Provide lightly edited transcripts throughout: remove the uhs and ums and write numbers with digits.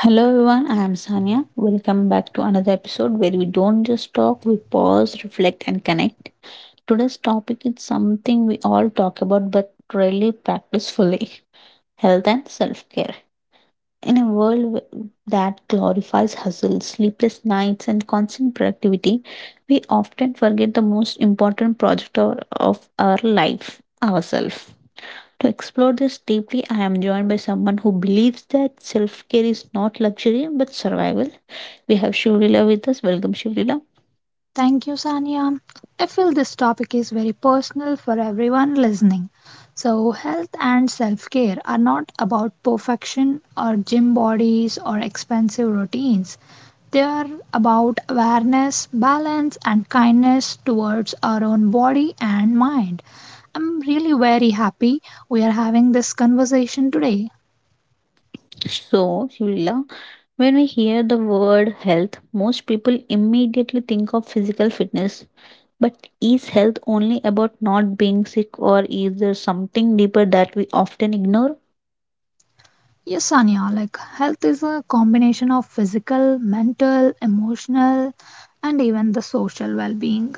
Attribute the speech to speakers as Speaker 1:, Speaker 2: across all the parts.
Speaker 1: Hello everyone, I am Sanya. Welcome back to another episode where we don't just talk, we pause, reflect, and connect. Today's topic is something we all talk about but rarely practice fully: health and self care. In a world that glorifies hustle, sleepless nights, and constant productivity, we often forget the most important of our life: ourselves. To explore this deeply, I am joined by someone who believes that self care is not luxury but survival. We have Shivlila with us. Welcome, Shivlila.
Speaker 2: Thank you, Sania. I feel this topic is very personal for everyone listening. So, health and self care are not about perfection or gym bodies or expensive routines. They are about awareness, balance, and kindness towards our own body and mind. I'm really very happy we are having this conversation today.
Speaker 1: So, Shivlila, when we hear the word health, most people immediately think of physical fitness. But is health only about not being sick, or is there something deeper that we often ignore?
Speaker 2: Yes, Anya, like health is a combination of physical, mental, emotional, and even the social well being.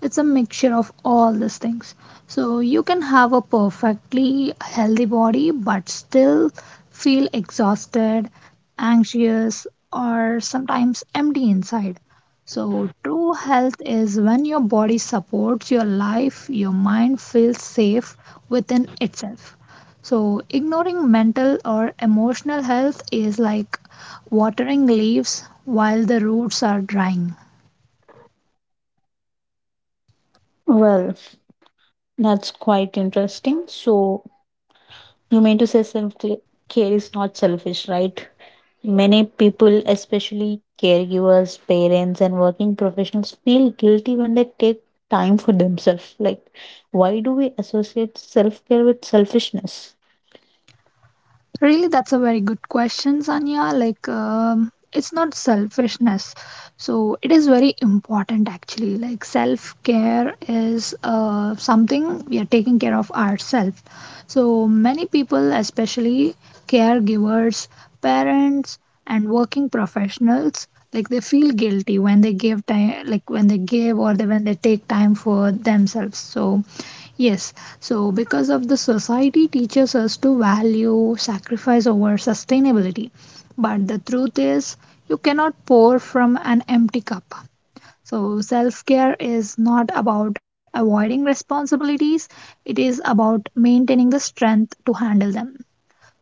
Speaker 2: It's a mixture of all these things. So you can have a perfectly healthy body but still feel exhausted, anxious, or sometimes empty inside. So true health is when your body supports your life, your mind feels safe within itself. So, ignoring mental or emotional health is like watering leaves while the roots are drying.
Speaker 1: Well, that's quite interesting. So, you mean to say self care is not selfish, right? Many people, especially caregivers, parents, and working professionals, feel guilty when they take time for themselves. Like, why do we associate self care with selfishness?
Speaker 2: Really, that's a very good question, Sanya. Like, it's not selfishness. So, it is very important actually. Like, self care is something we are taking care of ourselves. So, many people, especially caregivers, parents, and working professionals, like they feel guilty when they give time, like when they give or they, when they take time for themselves. So, yes, so because of the society teaches us to value sacrifice over sustainability. But the truth is, you cannot pour from an empty cup. So, self care is not about avoiding responsibilities, it is about maintaining the strength to handle them.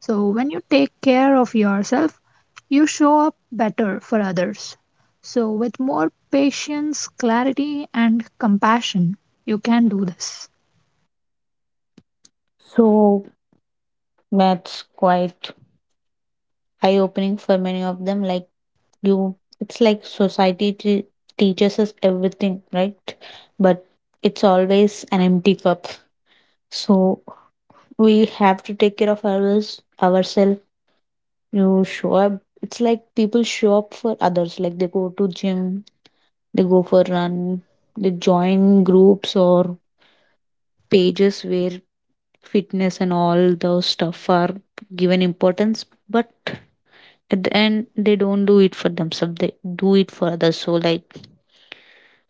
Speaker 2: So, when you take care of yourself, you show up better for others. So, with more patience, clarity, and compassion, you can do this.
Speaker 1: So, that's quite eye opening for many of them. Like, it's like teaches us everything, right? But it's always an empty cup. So, we have to take care of ourselves, ourselves. You show up. It's like people show up for others. Like they go to gym, they go for run, they join groups or pages where fitness and all those stuff are given importance. But at the end, they don't do it for themselves. They do it for others. So like,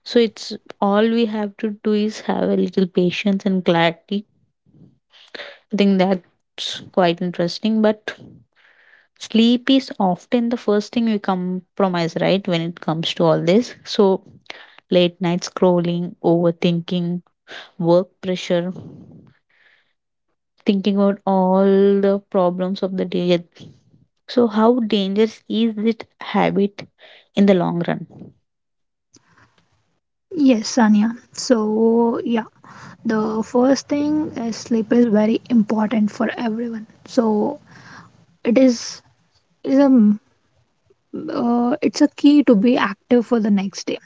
Speaker 1: so it's all we have to do is have a little patience and clarity. I think that's quite interesting. But sleep is often the first thing we compromise, right, when it comes to all this. So, late night scrolling, overthinking, work pressure, thinking about all the problems of the day. So, how dangerous is this habit in the long run?
Speaker 2: Yes, Sanya. So, yeah, the first thing is sleep is very important for everyone. So, it is a m- it's a key to be active for the next day.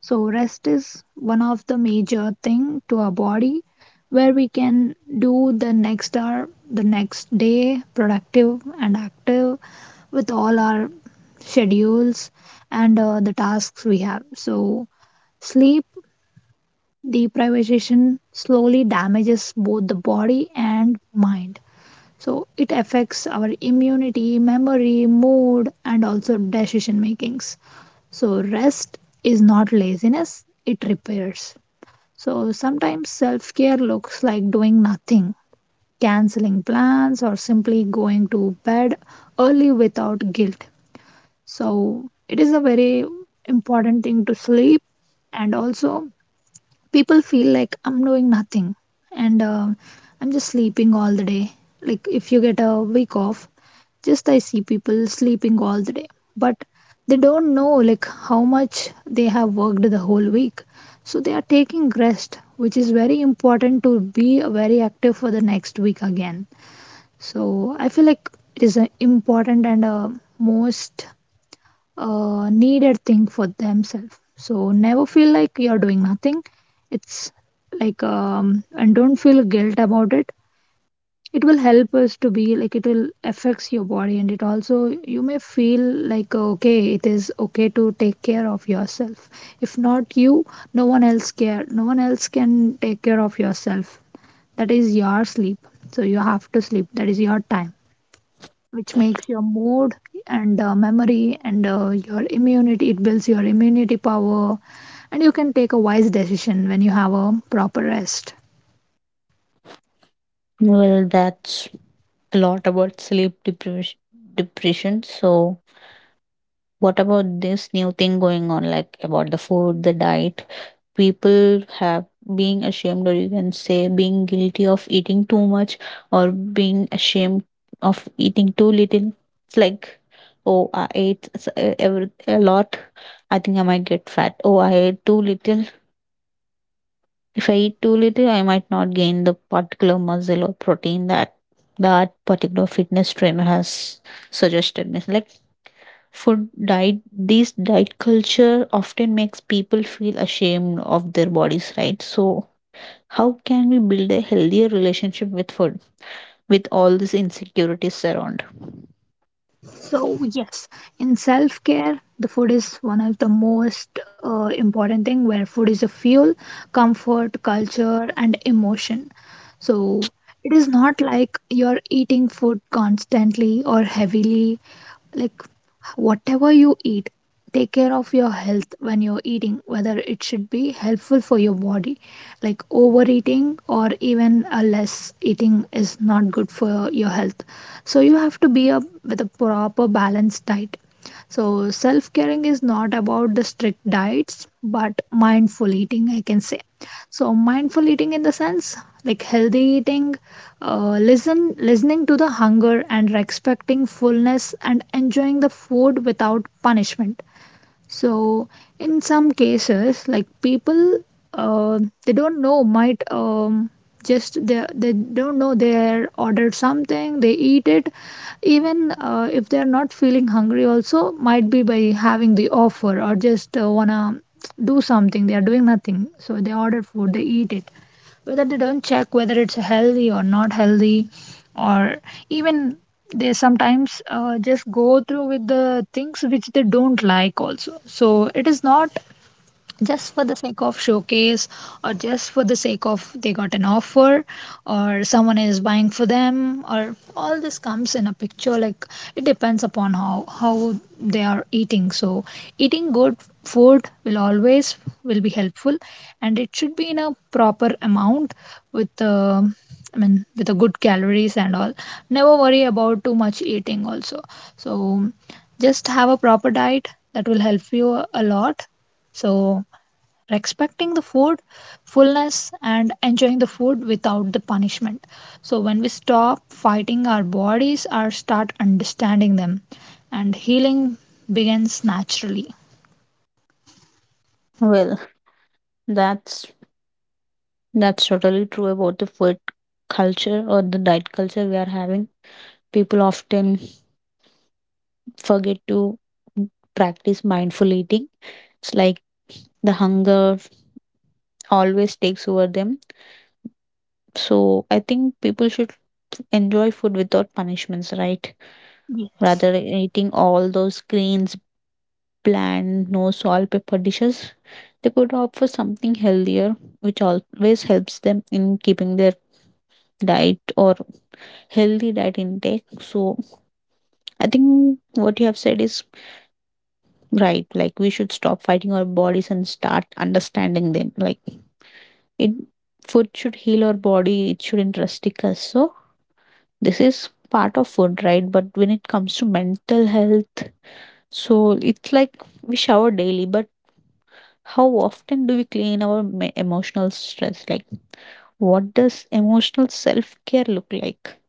Speaker 2: So, rest is one of the major thing to our body where we can do the next hour, the next day productive and active with all our schedules and the tasks we have. So, sleep the privatization slowly damages both the body and mind. So it affects our immunity, memory, mood, and also decision makings. So rest is not laziness, it repairs. So sometimes self care looks like doing nothing, canceling plans, or simply going to bed early without guilt. So it is a very important thing to sleep, and also people feel like I'm doing nothing, and I'm just sleeping all the day. Like if you get a week off, just I see people sleeping all the day, but they don't know like how much they have worked the whole week, so they are taking rest, which is very important to be very active for the next week again. So I feel like it is important and most needed thing for themselves. So never feel like you're doing nothing. It's like and don't feel guilt about it. It will help us to be like it will affects your body, and it also you may feel like okay, it is okay to take care of yourself. If not you, no one else care. No one else can take care of yourself. That is your sleep. So you have to sleep. That is your time which makes your mood and memory and your immunity, it builds your immunity power, and you can take a wise decision when you have a proper rest.
Speaker 1: Well, that's a lot about sleep deprivation. Depression. So, what about this new thing going on, like about the food, the diet? People have being ashamed, or you can say being guilty of eating too much, or being ashamed of eating too little. It's like, oh, I ate every, a lot. I think I might get fat. Oh, I ate too little. If I eat too little, I might not gain the particular muscle or protein that that particular fitness trainer has suggested me. Like food diet, this diet culture often makes people feel ashamed of their bodies, right? So, how can we build a healthier relationship with food with all these insecurities around?
Speaker 2: So yes, in self care the food is one of the most important thing, where food is a fuel, comfort, culture and emotion. So it is not like you're eating food constantly or heavily. Like whatever you eat, take care of your health when you're eating, whether it should be helpful for your body. Like overeating or even a less eating is not good for your health. So you have to be a, with a proper balanced diet. So self caring is not about the strict diets, but mindful eating, I can say. So mindful eating in the sense, like healthy eating, listening to the hunger and respecting fullness and enjoying the food without punishment. So in some cases, like people, uh, they don't know might just they don't know, they ordered something, they eat it, even if they're not feeling hungry. Also, might be by having the offer or just wanna do something. They are doing nothing, so they order food, they eat it, whether they don't check whether it's healthy or not healthy, or even they sometimes just go through with the things which they don't like also. So it is not just for the sake of showcase or just for the sake of they got an offer or someone is buying for them or all this comes in a picture. Like it depends upon how they are eating. So eating good food will always will be helpful, and it should be in a proper amount with I mean with a good calories and all. Never worry about too much eating also. So just have a proper diet, that will help you a lot. So, respecting the food, fullness, and enjoying the food without the punishment. So, when we stop fighting our bodies or start understanding them, and healing begins naturally.
Speaker 1: Well, that's that's totally true about the food culture or the diet culture we are having. People often forget to practice mindful eating. It's like the hunger always takes over them. So I think people should enjoy food without punishments, right?
Speaker 2: Yes.
Speaker 1: Rather than eating all those greens, bland, no salt, pepper dishes, they could opt for something healthier, which always helps them in keeping their diet or healthy diet intake. So I think what you have said is right. Like we should stop fighting our bodies and start understanding them. Like it food should heal our body, it shouldn't rustic us. So this is part of food, right? But when it comes to mental health, so it's like we shower daily, but how often do we clean our emotional stress? Like what does emotional self care look like?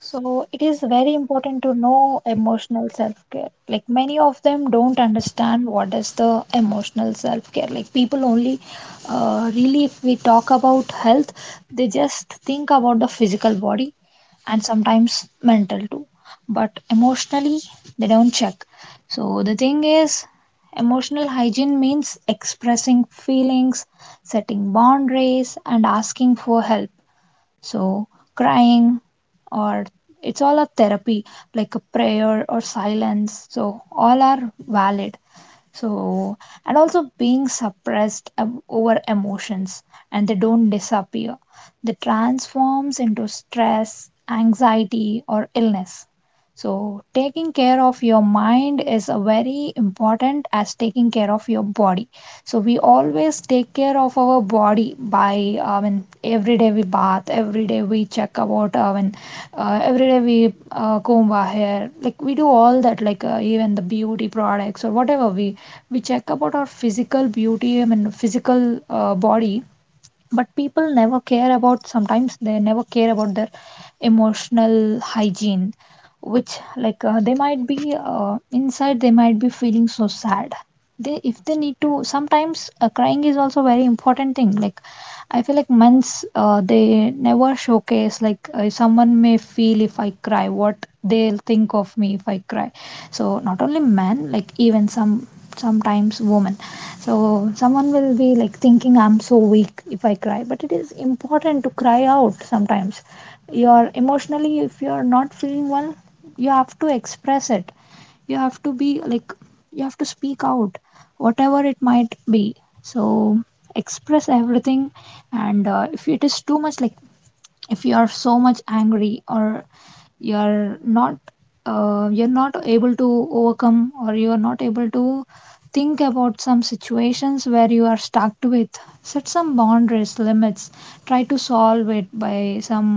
Speaker 2: So it is very important to know emotional self-care. Like many of them don't understand what is the emotional self-care. Like people only really, if we talk about health, they just think about the physical body and sometimes mental too. But emotionally they don't check. So the thing is emotional hygiene means expressing feelings, setting boundaries and asking for help. So, crying, or it's all a therapy, like a prayer or silence. So, all are valid. So, and also being suppressed over emotions, and they don't disappear. They transforms into stress, anxiety or illness. So, taking care of your mind is a very important as taking care of your body. So we always take care of our body by, I mean every day we bath, every day we check about, I mean every day we comb our hair. Like we do all that, like even the beauty products or whatever we check about our physical beauty, I mean physical body, but people never care about, sometimes they never care about their emotional hygiene, which like they might be inside they might be feeling so sad. They if they need to, sometimes crying is also very important thing. Like I feel like men's they never showcase, like someone may feel, if I cry what they'll think of me if I cry. So not only men, like even some sometimes women. So someone will be like thinking I'm so weak if I cry, but it is important to cry out sometimes. You're emotionally, if you're not feeling well, you have to express it. You have to be like, you have to speak out, whatever it might be. So express everything, and if it is too much, like if you are so much angry or you're not you're not able to overcome or you are not able to think about some situations where you are stuck with. Set some boundaries, limits, try to solve it by some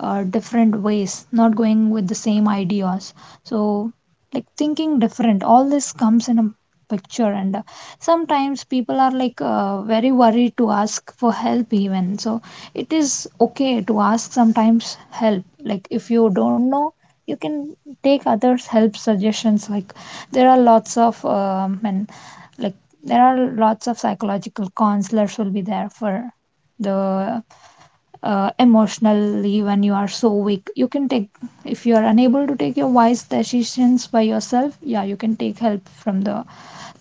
Speaker 2: different ways, not going with the same ideas. So like thinking different, all this comes in a picture, and sometimes people are like very worried to ask for help even. So it is okay to ask sometimes help, like if you don't know, you can take others help, suggestions. Like there are lots of and like there are lots of psychological counselors will be there for the emotionally when you are so weak. You can take, if you are unable to take your wise decisions by yourself, yeah you can take help from the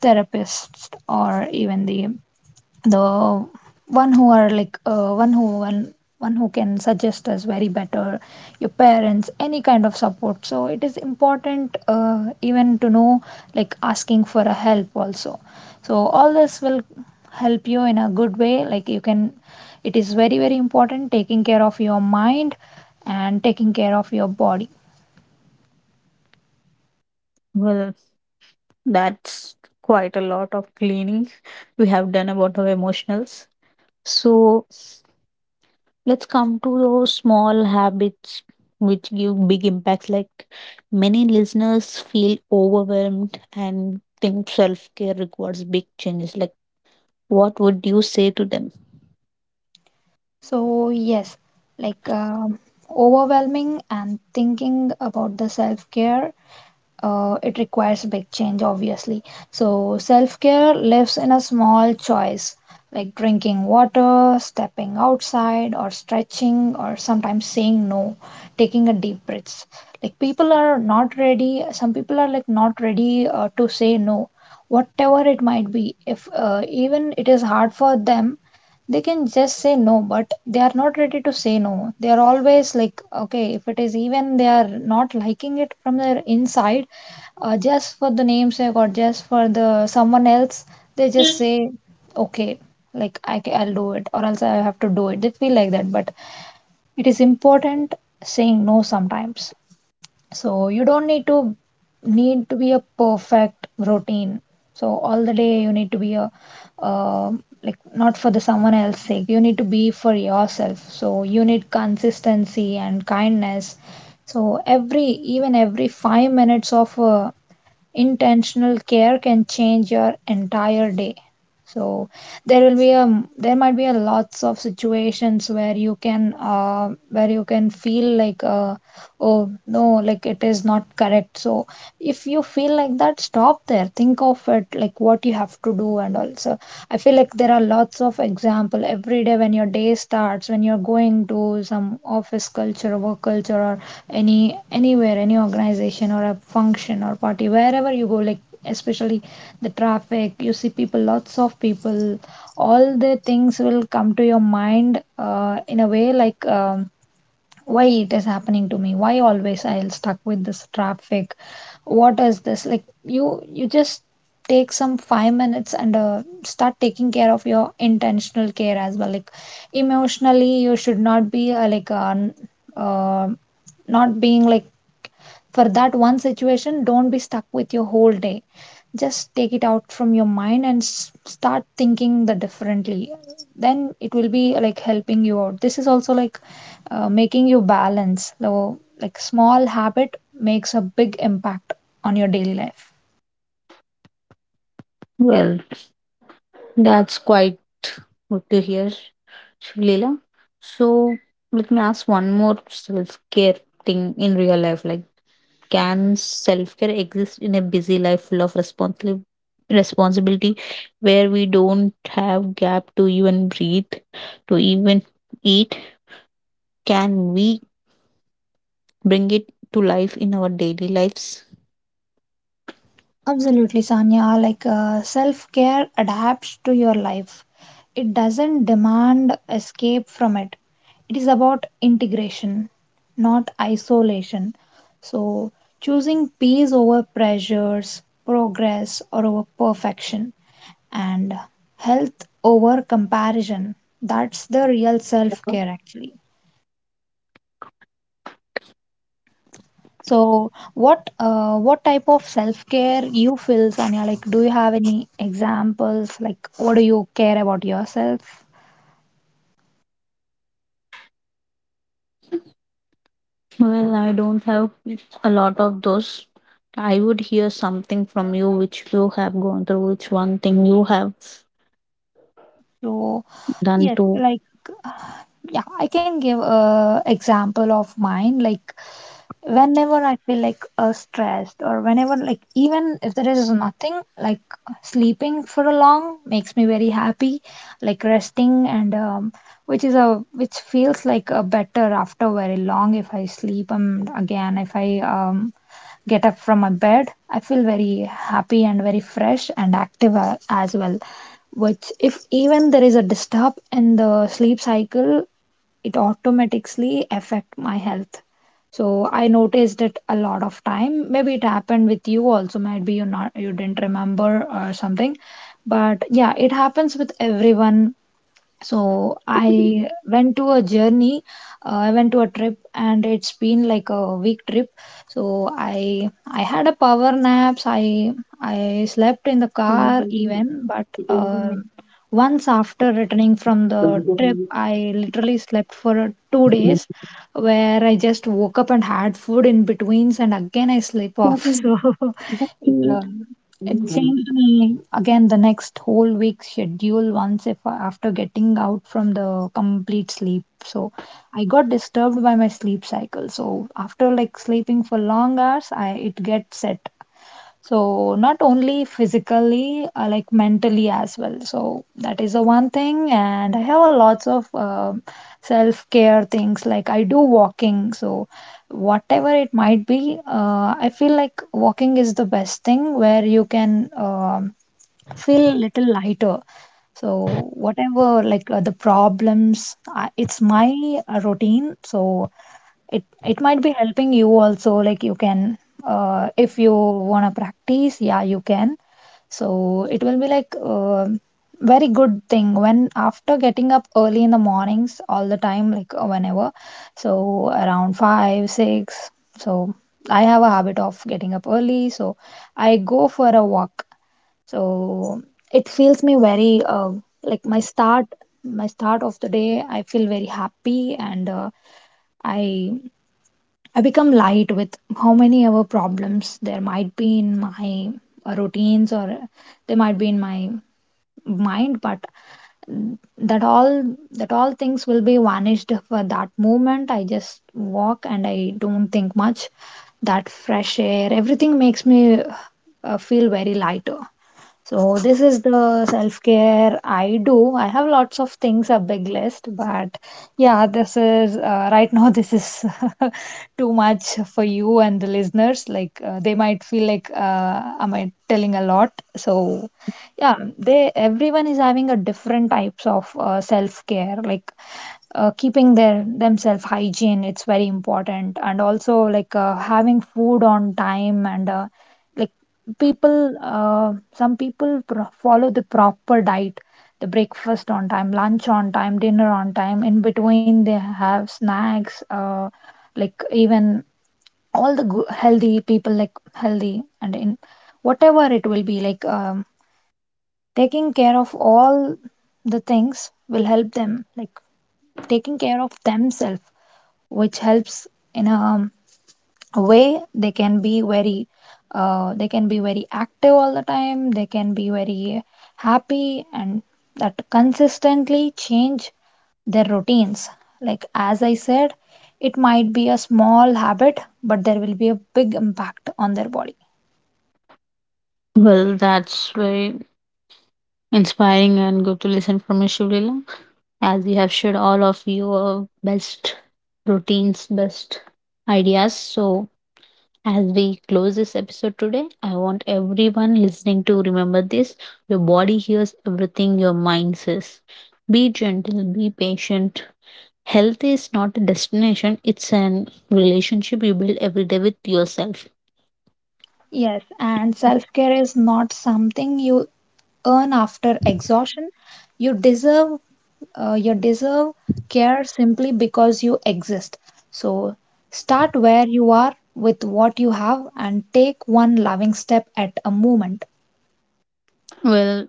Speaker 2: therapist or even the one who are like one who can suggest us very better. Your parents, any kind of support, so it is important even to know like asking for a help also. So all this will help you in a good way. Like you can, it is very very important taking care of your mind and taking care of your body.
Speaker 1: Well, that's quite a lot of cleaning we have done about our emotionals. So let's come to those small habits which give big impacts. Like many listeners feel overwhelmed and think self care requires big changes. Like, what would you say to them?
Speaker 2: So, yes, like overwhelming and thinking about the self care, it requires big change, obviously. So, self care lives in a small choice, like drinking water, stepping outside, or stretching, or sometimes saying no, taking a deep breath. Like, people are not ready, some people are like not ready to say no, whatever it might be. If even it is hard for them, they can just say no, but they are not ready to say no. They are always like okay, if it is even they are not liking it from their inside, just for the namesake or just for the someone else, they just say okay. Like I'll do it or else I have to do it, they feel like that. But it is important, saying no sometimes. So you don't need to be a perfect routine. So all the day you need to be a uh, like not for the someone else's sake. You need to be for yourself. So you need consistency and kindness. So every even every 5 minutes of intentional care can change your entire day. So there might be a lots of situations where you can feel like oh no, like it is not correct. So if you feel like that, stop there, think of it like what you have to do. And also, I feel like there are lots of example every day, when your day starts, when you're going to some office culture, work culture, or anywhere, any organization or a function or party, wherever you go. Like especially the traffic, you see people, lots of people, all the things will come to your mind in a way like why it is happening to me, why always I'll stuck with this traffic, what is this. Like you just take some 5 minutes and start taking care of your intentional care as well. Like emotionally you should not be uh, not being like for that one situation, don't be stuck with your whole day. Just take it out from your mind and start thinking the differently, then it will be like helping you out. This is also like making you balance. So like small habit makes a big impact on your daily life.
Speaker 1: Well, that's quite good to hear, Leela. So let me ask one more self care thing in real life. Like, can self care exist in a busy life full of responsibility? Responsibility where we don't have gap to even breathe, to even eat, can we bring it to life in our daily lives?
Speaker 2: Absolutely, Sanya. Like self care adapts to your life, it doesn't demand escape from it. It is about integration, not isolation. So, choosing peace over pressures, progress or over perfection, and health over comparison. That's the real self care, actually. So, what type of self care you feel, Sanya? Like, do you have any examples? Like, what do you care about yourself?
Speaker 1: Well, I don't have a lot of those. I would hear something from you which you have gone through, which one thing you have
Speaker 2: So,
Speaker 1: done
Speaker 2: yes,
Speaker 1: to.
Speaker 2: like, yeah, I can give a example of mine. Like, whenever I feel like stressed, or whenever, like even if there is nothing, like sleeping for a long makes me very happy. Like resting and which is a which feels like a better after very long, if I sleep and again if I get up from my bed, I feel very happy and very fresh and active as well. Which if even there is a disturb in the sleep cycle, it automatically affect my health. So I noticed it a lot of time. Maybe it happened with you also. Maybe you didn't remember or something. But yeah, it happens with everyone. So I went to a journey, I went to a trip and it's been like a week trip. So I had a power naps, I slept in the car even. But once after returning from the trip, I literally slept for 2 days, where I just woke up and had food in betweens and again I sleep off so it, uh, it changed me again the next whole week schedule, once if after getting out from the complete sleep. So I got disturbed by my sleep cycle. So after like sleeping for long hours, I it gets set. So not only physically, like mentally as well. So that is the one thing, and I have a lots of self care things. Like I do walking. So whatever it might be, I feel like walking is the best thing where you can feel little lighter. So whatever like the problems, it's my routine. So it might be helping you also, like you can, if you want to practice, yeah you can. So it will be like very good thing when after getting up early in the mornings all the time, like whenever, so around 5 6. So I have a habit of getting up early, so I go for a walk. So it feels me very like my start of the day, I feel very happy and i I become light with how many other problems there might be in my routines, or they might be in my mind. But that all things will be vanished for that moment. I just walk and I don't think much. That fresh air, everything makes me feel very lighter. So this is the self care I do, I have lots of things, a big list. But yeah, this is right now, this is too much for you and the listeners. Like they might feel like am I telling a lot. So yeah, they, everyone is having a different types of self care. Like keeping their themselves hygiene, it's very important, and also like having food on time, and like people, some people follow the proper diet, the breakfast on time, lunch on time, dinner on time, in between they have snacks, like even all the healthy people, like healthy and in whatever it will be like taking care of all the things will help them, like taking care of themselves, which helps in a way. They can be very they can be very active all the time, they can be very happy, and that consistently change their routines. Like as I said, it might be a small habit but there will be a big impact on their body.
Speaker 1: Well, that's very inspiring and good to listen from you, Shivlila, as you have shared all of your best routines, best ideas. So, as we close this episode today, I want everyone listening to remember this: your body hears everything your mind says. Be gentle, be patient. Health is not a destination, it's an relationship you build every day with yourself.
Speaker 2: Yes, and self care is not something you earn after exhaustion. You deserve you deserve care simply because you exist. So start where you are with what you have, and take one loving step at a moment.
Speaker 1: Well,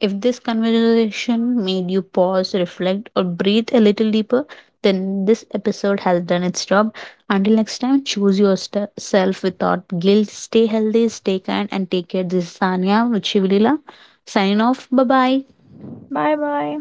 Speaker 1: if this conversation made you pause, reflect, or breathe a little deeper, then this episode has done its job. Until next time, choose yourself without guilt. Stay healthy, stay kind, and take care. This is Sanya Vichivila. Signing off. Bye bye.
Speaker 2: Bye bye.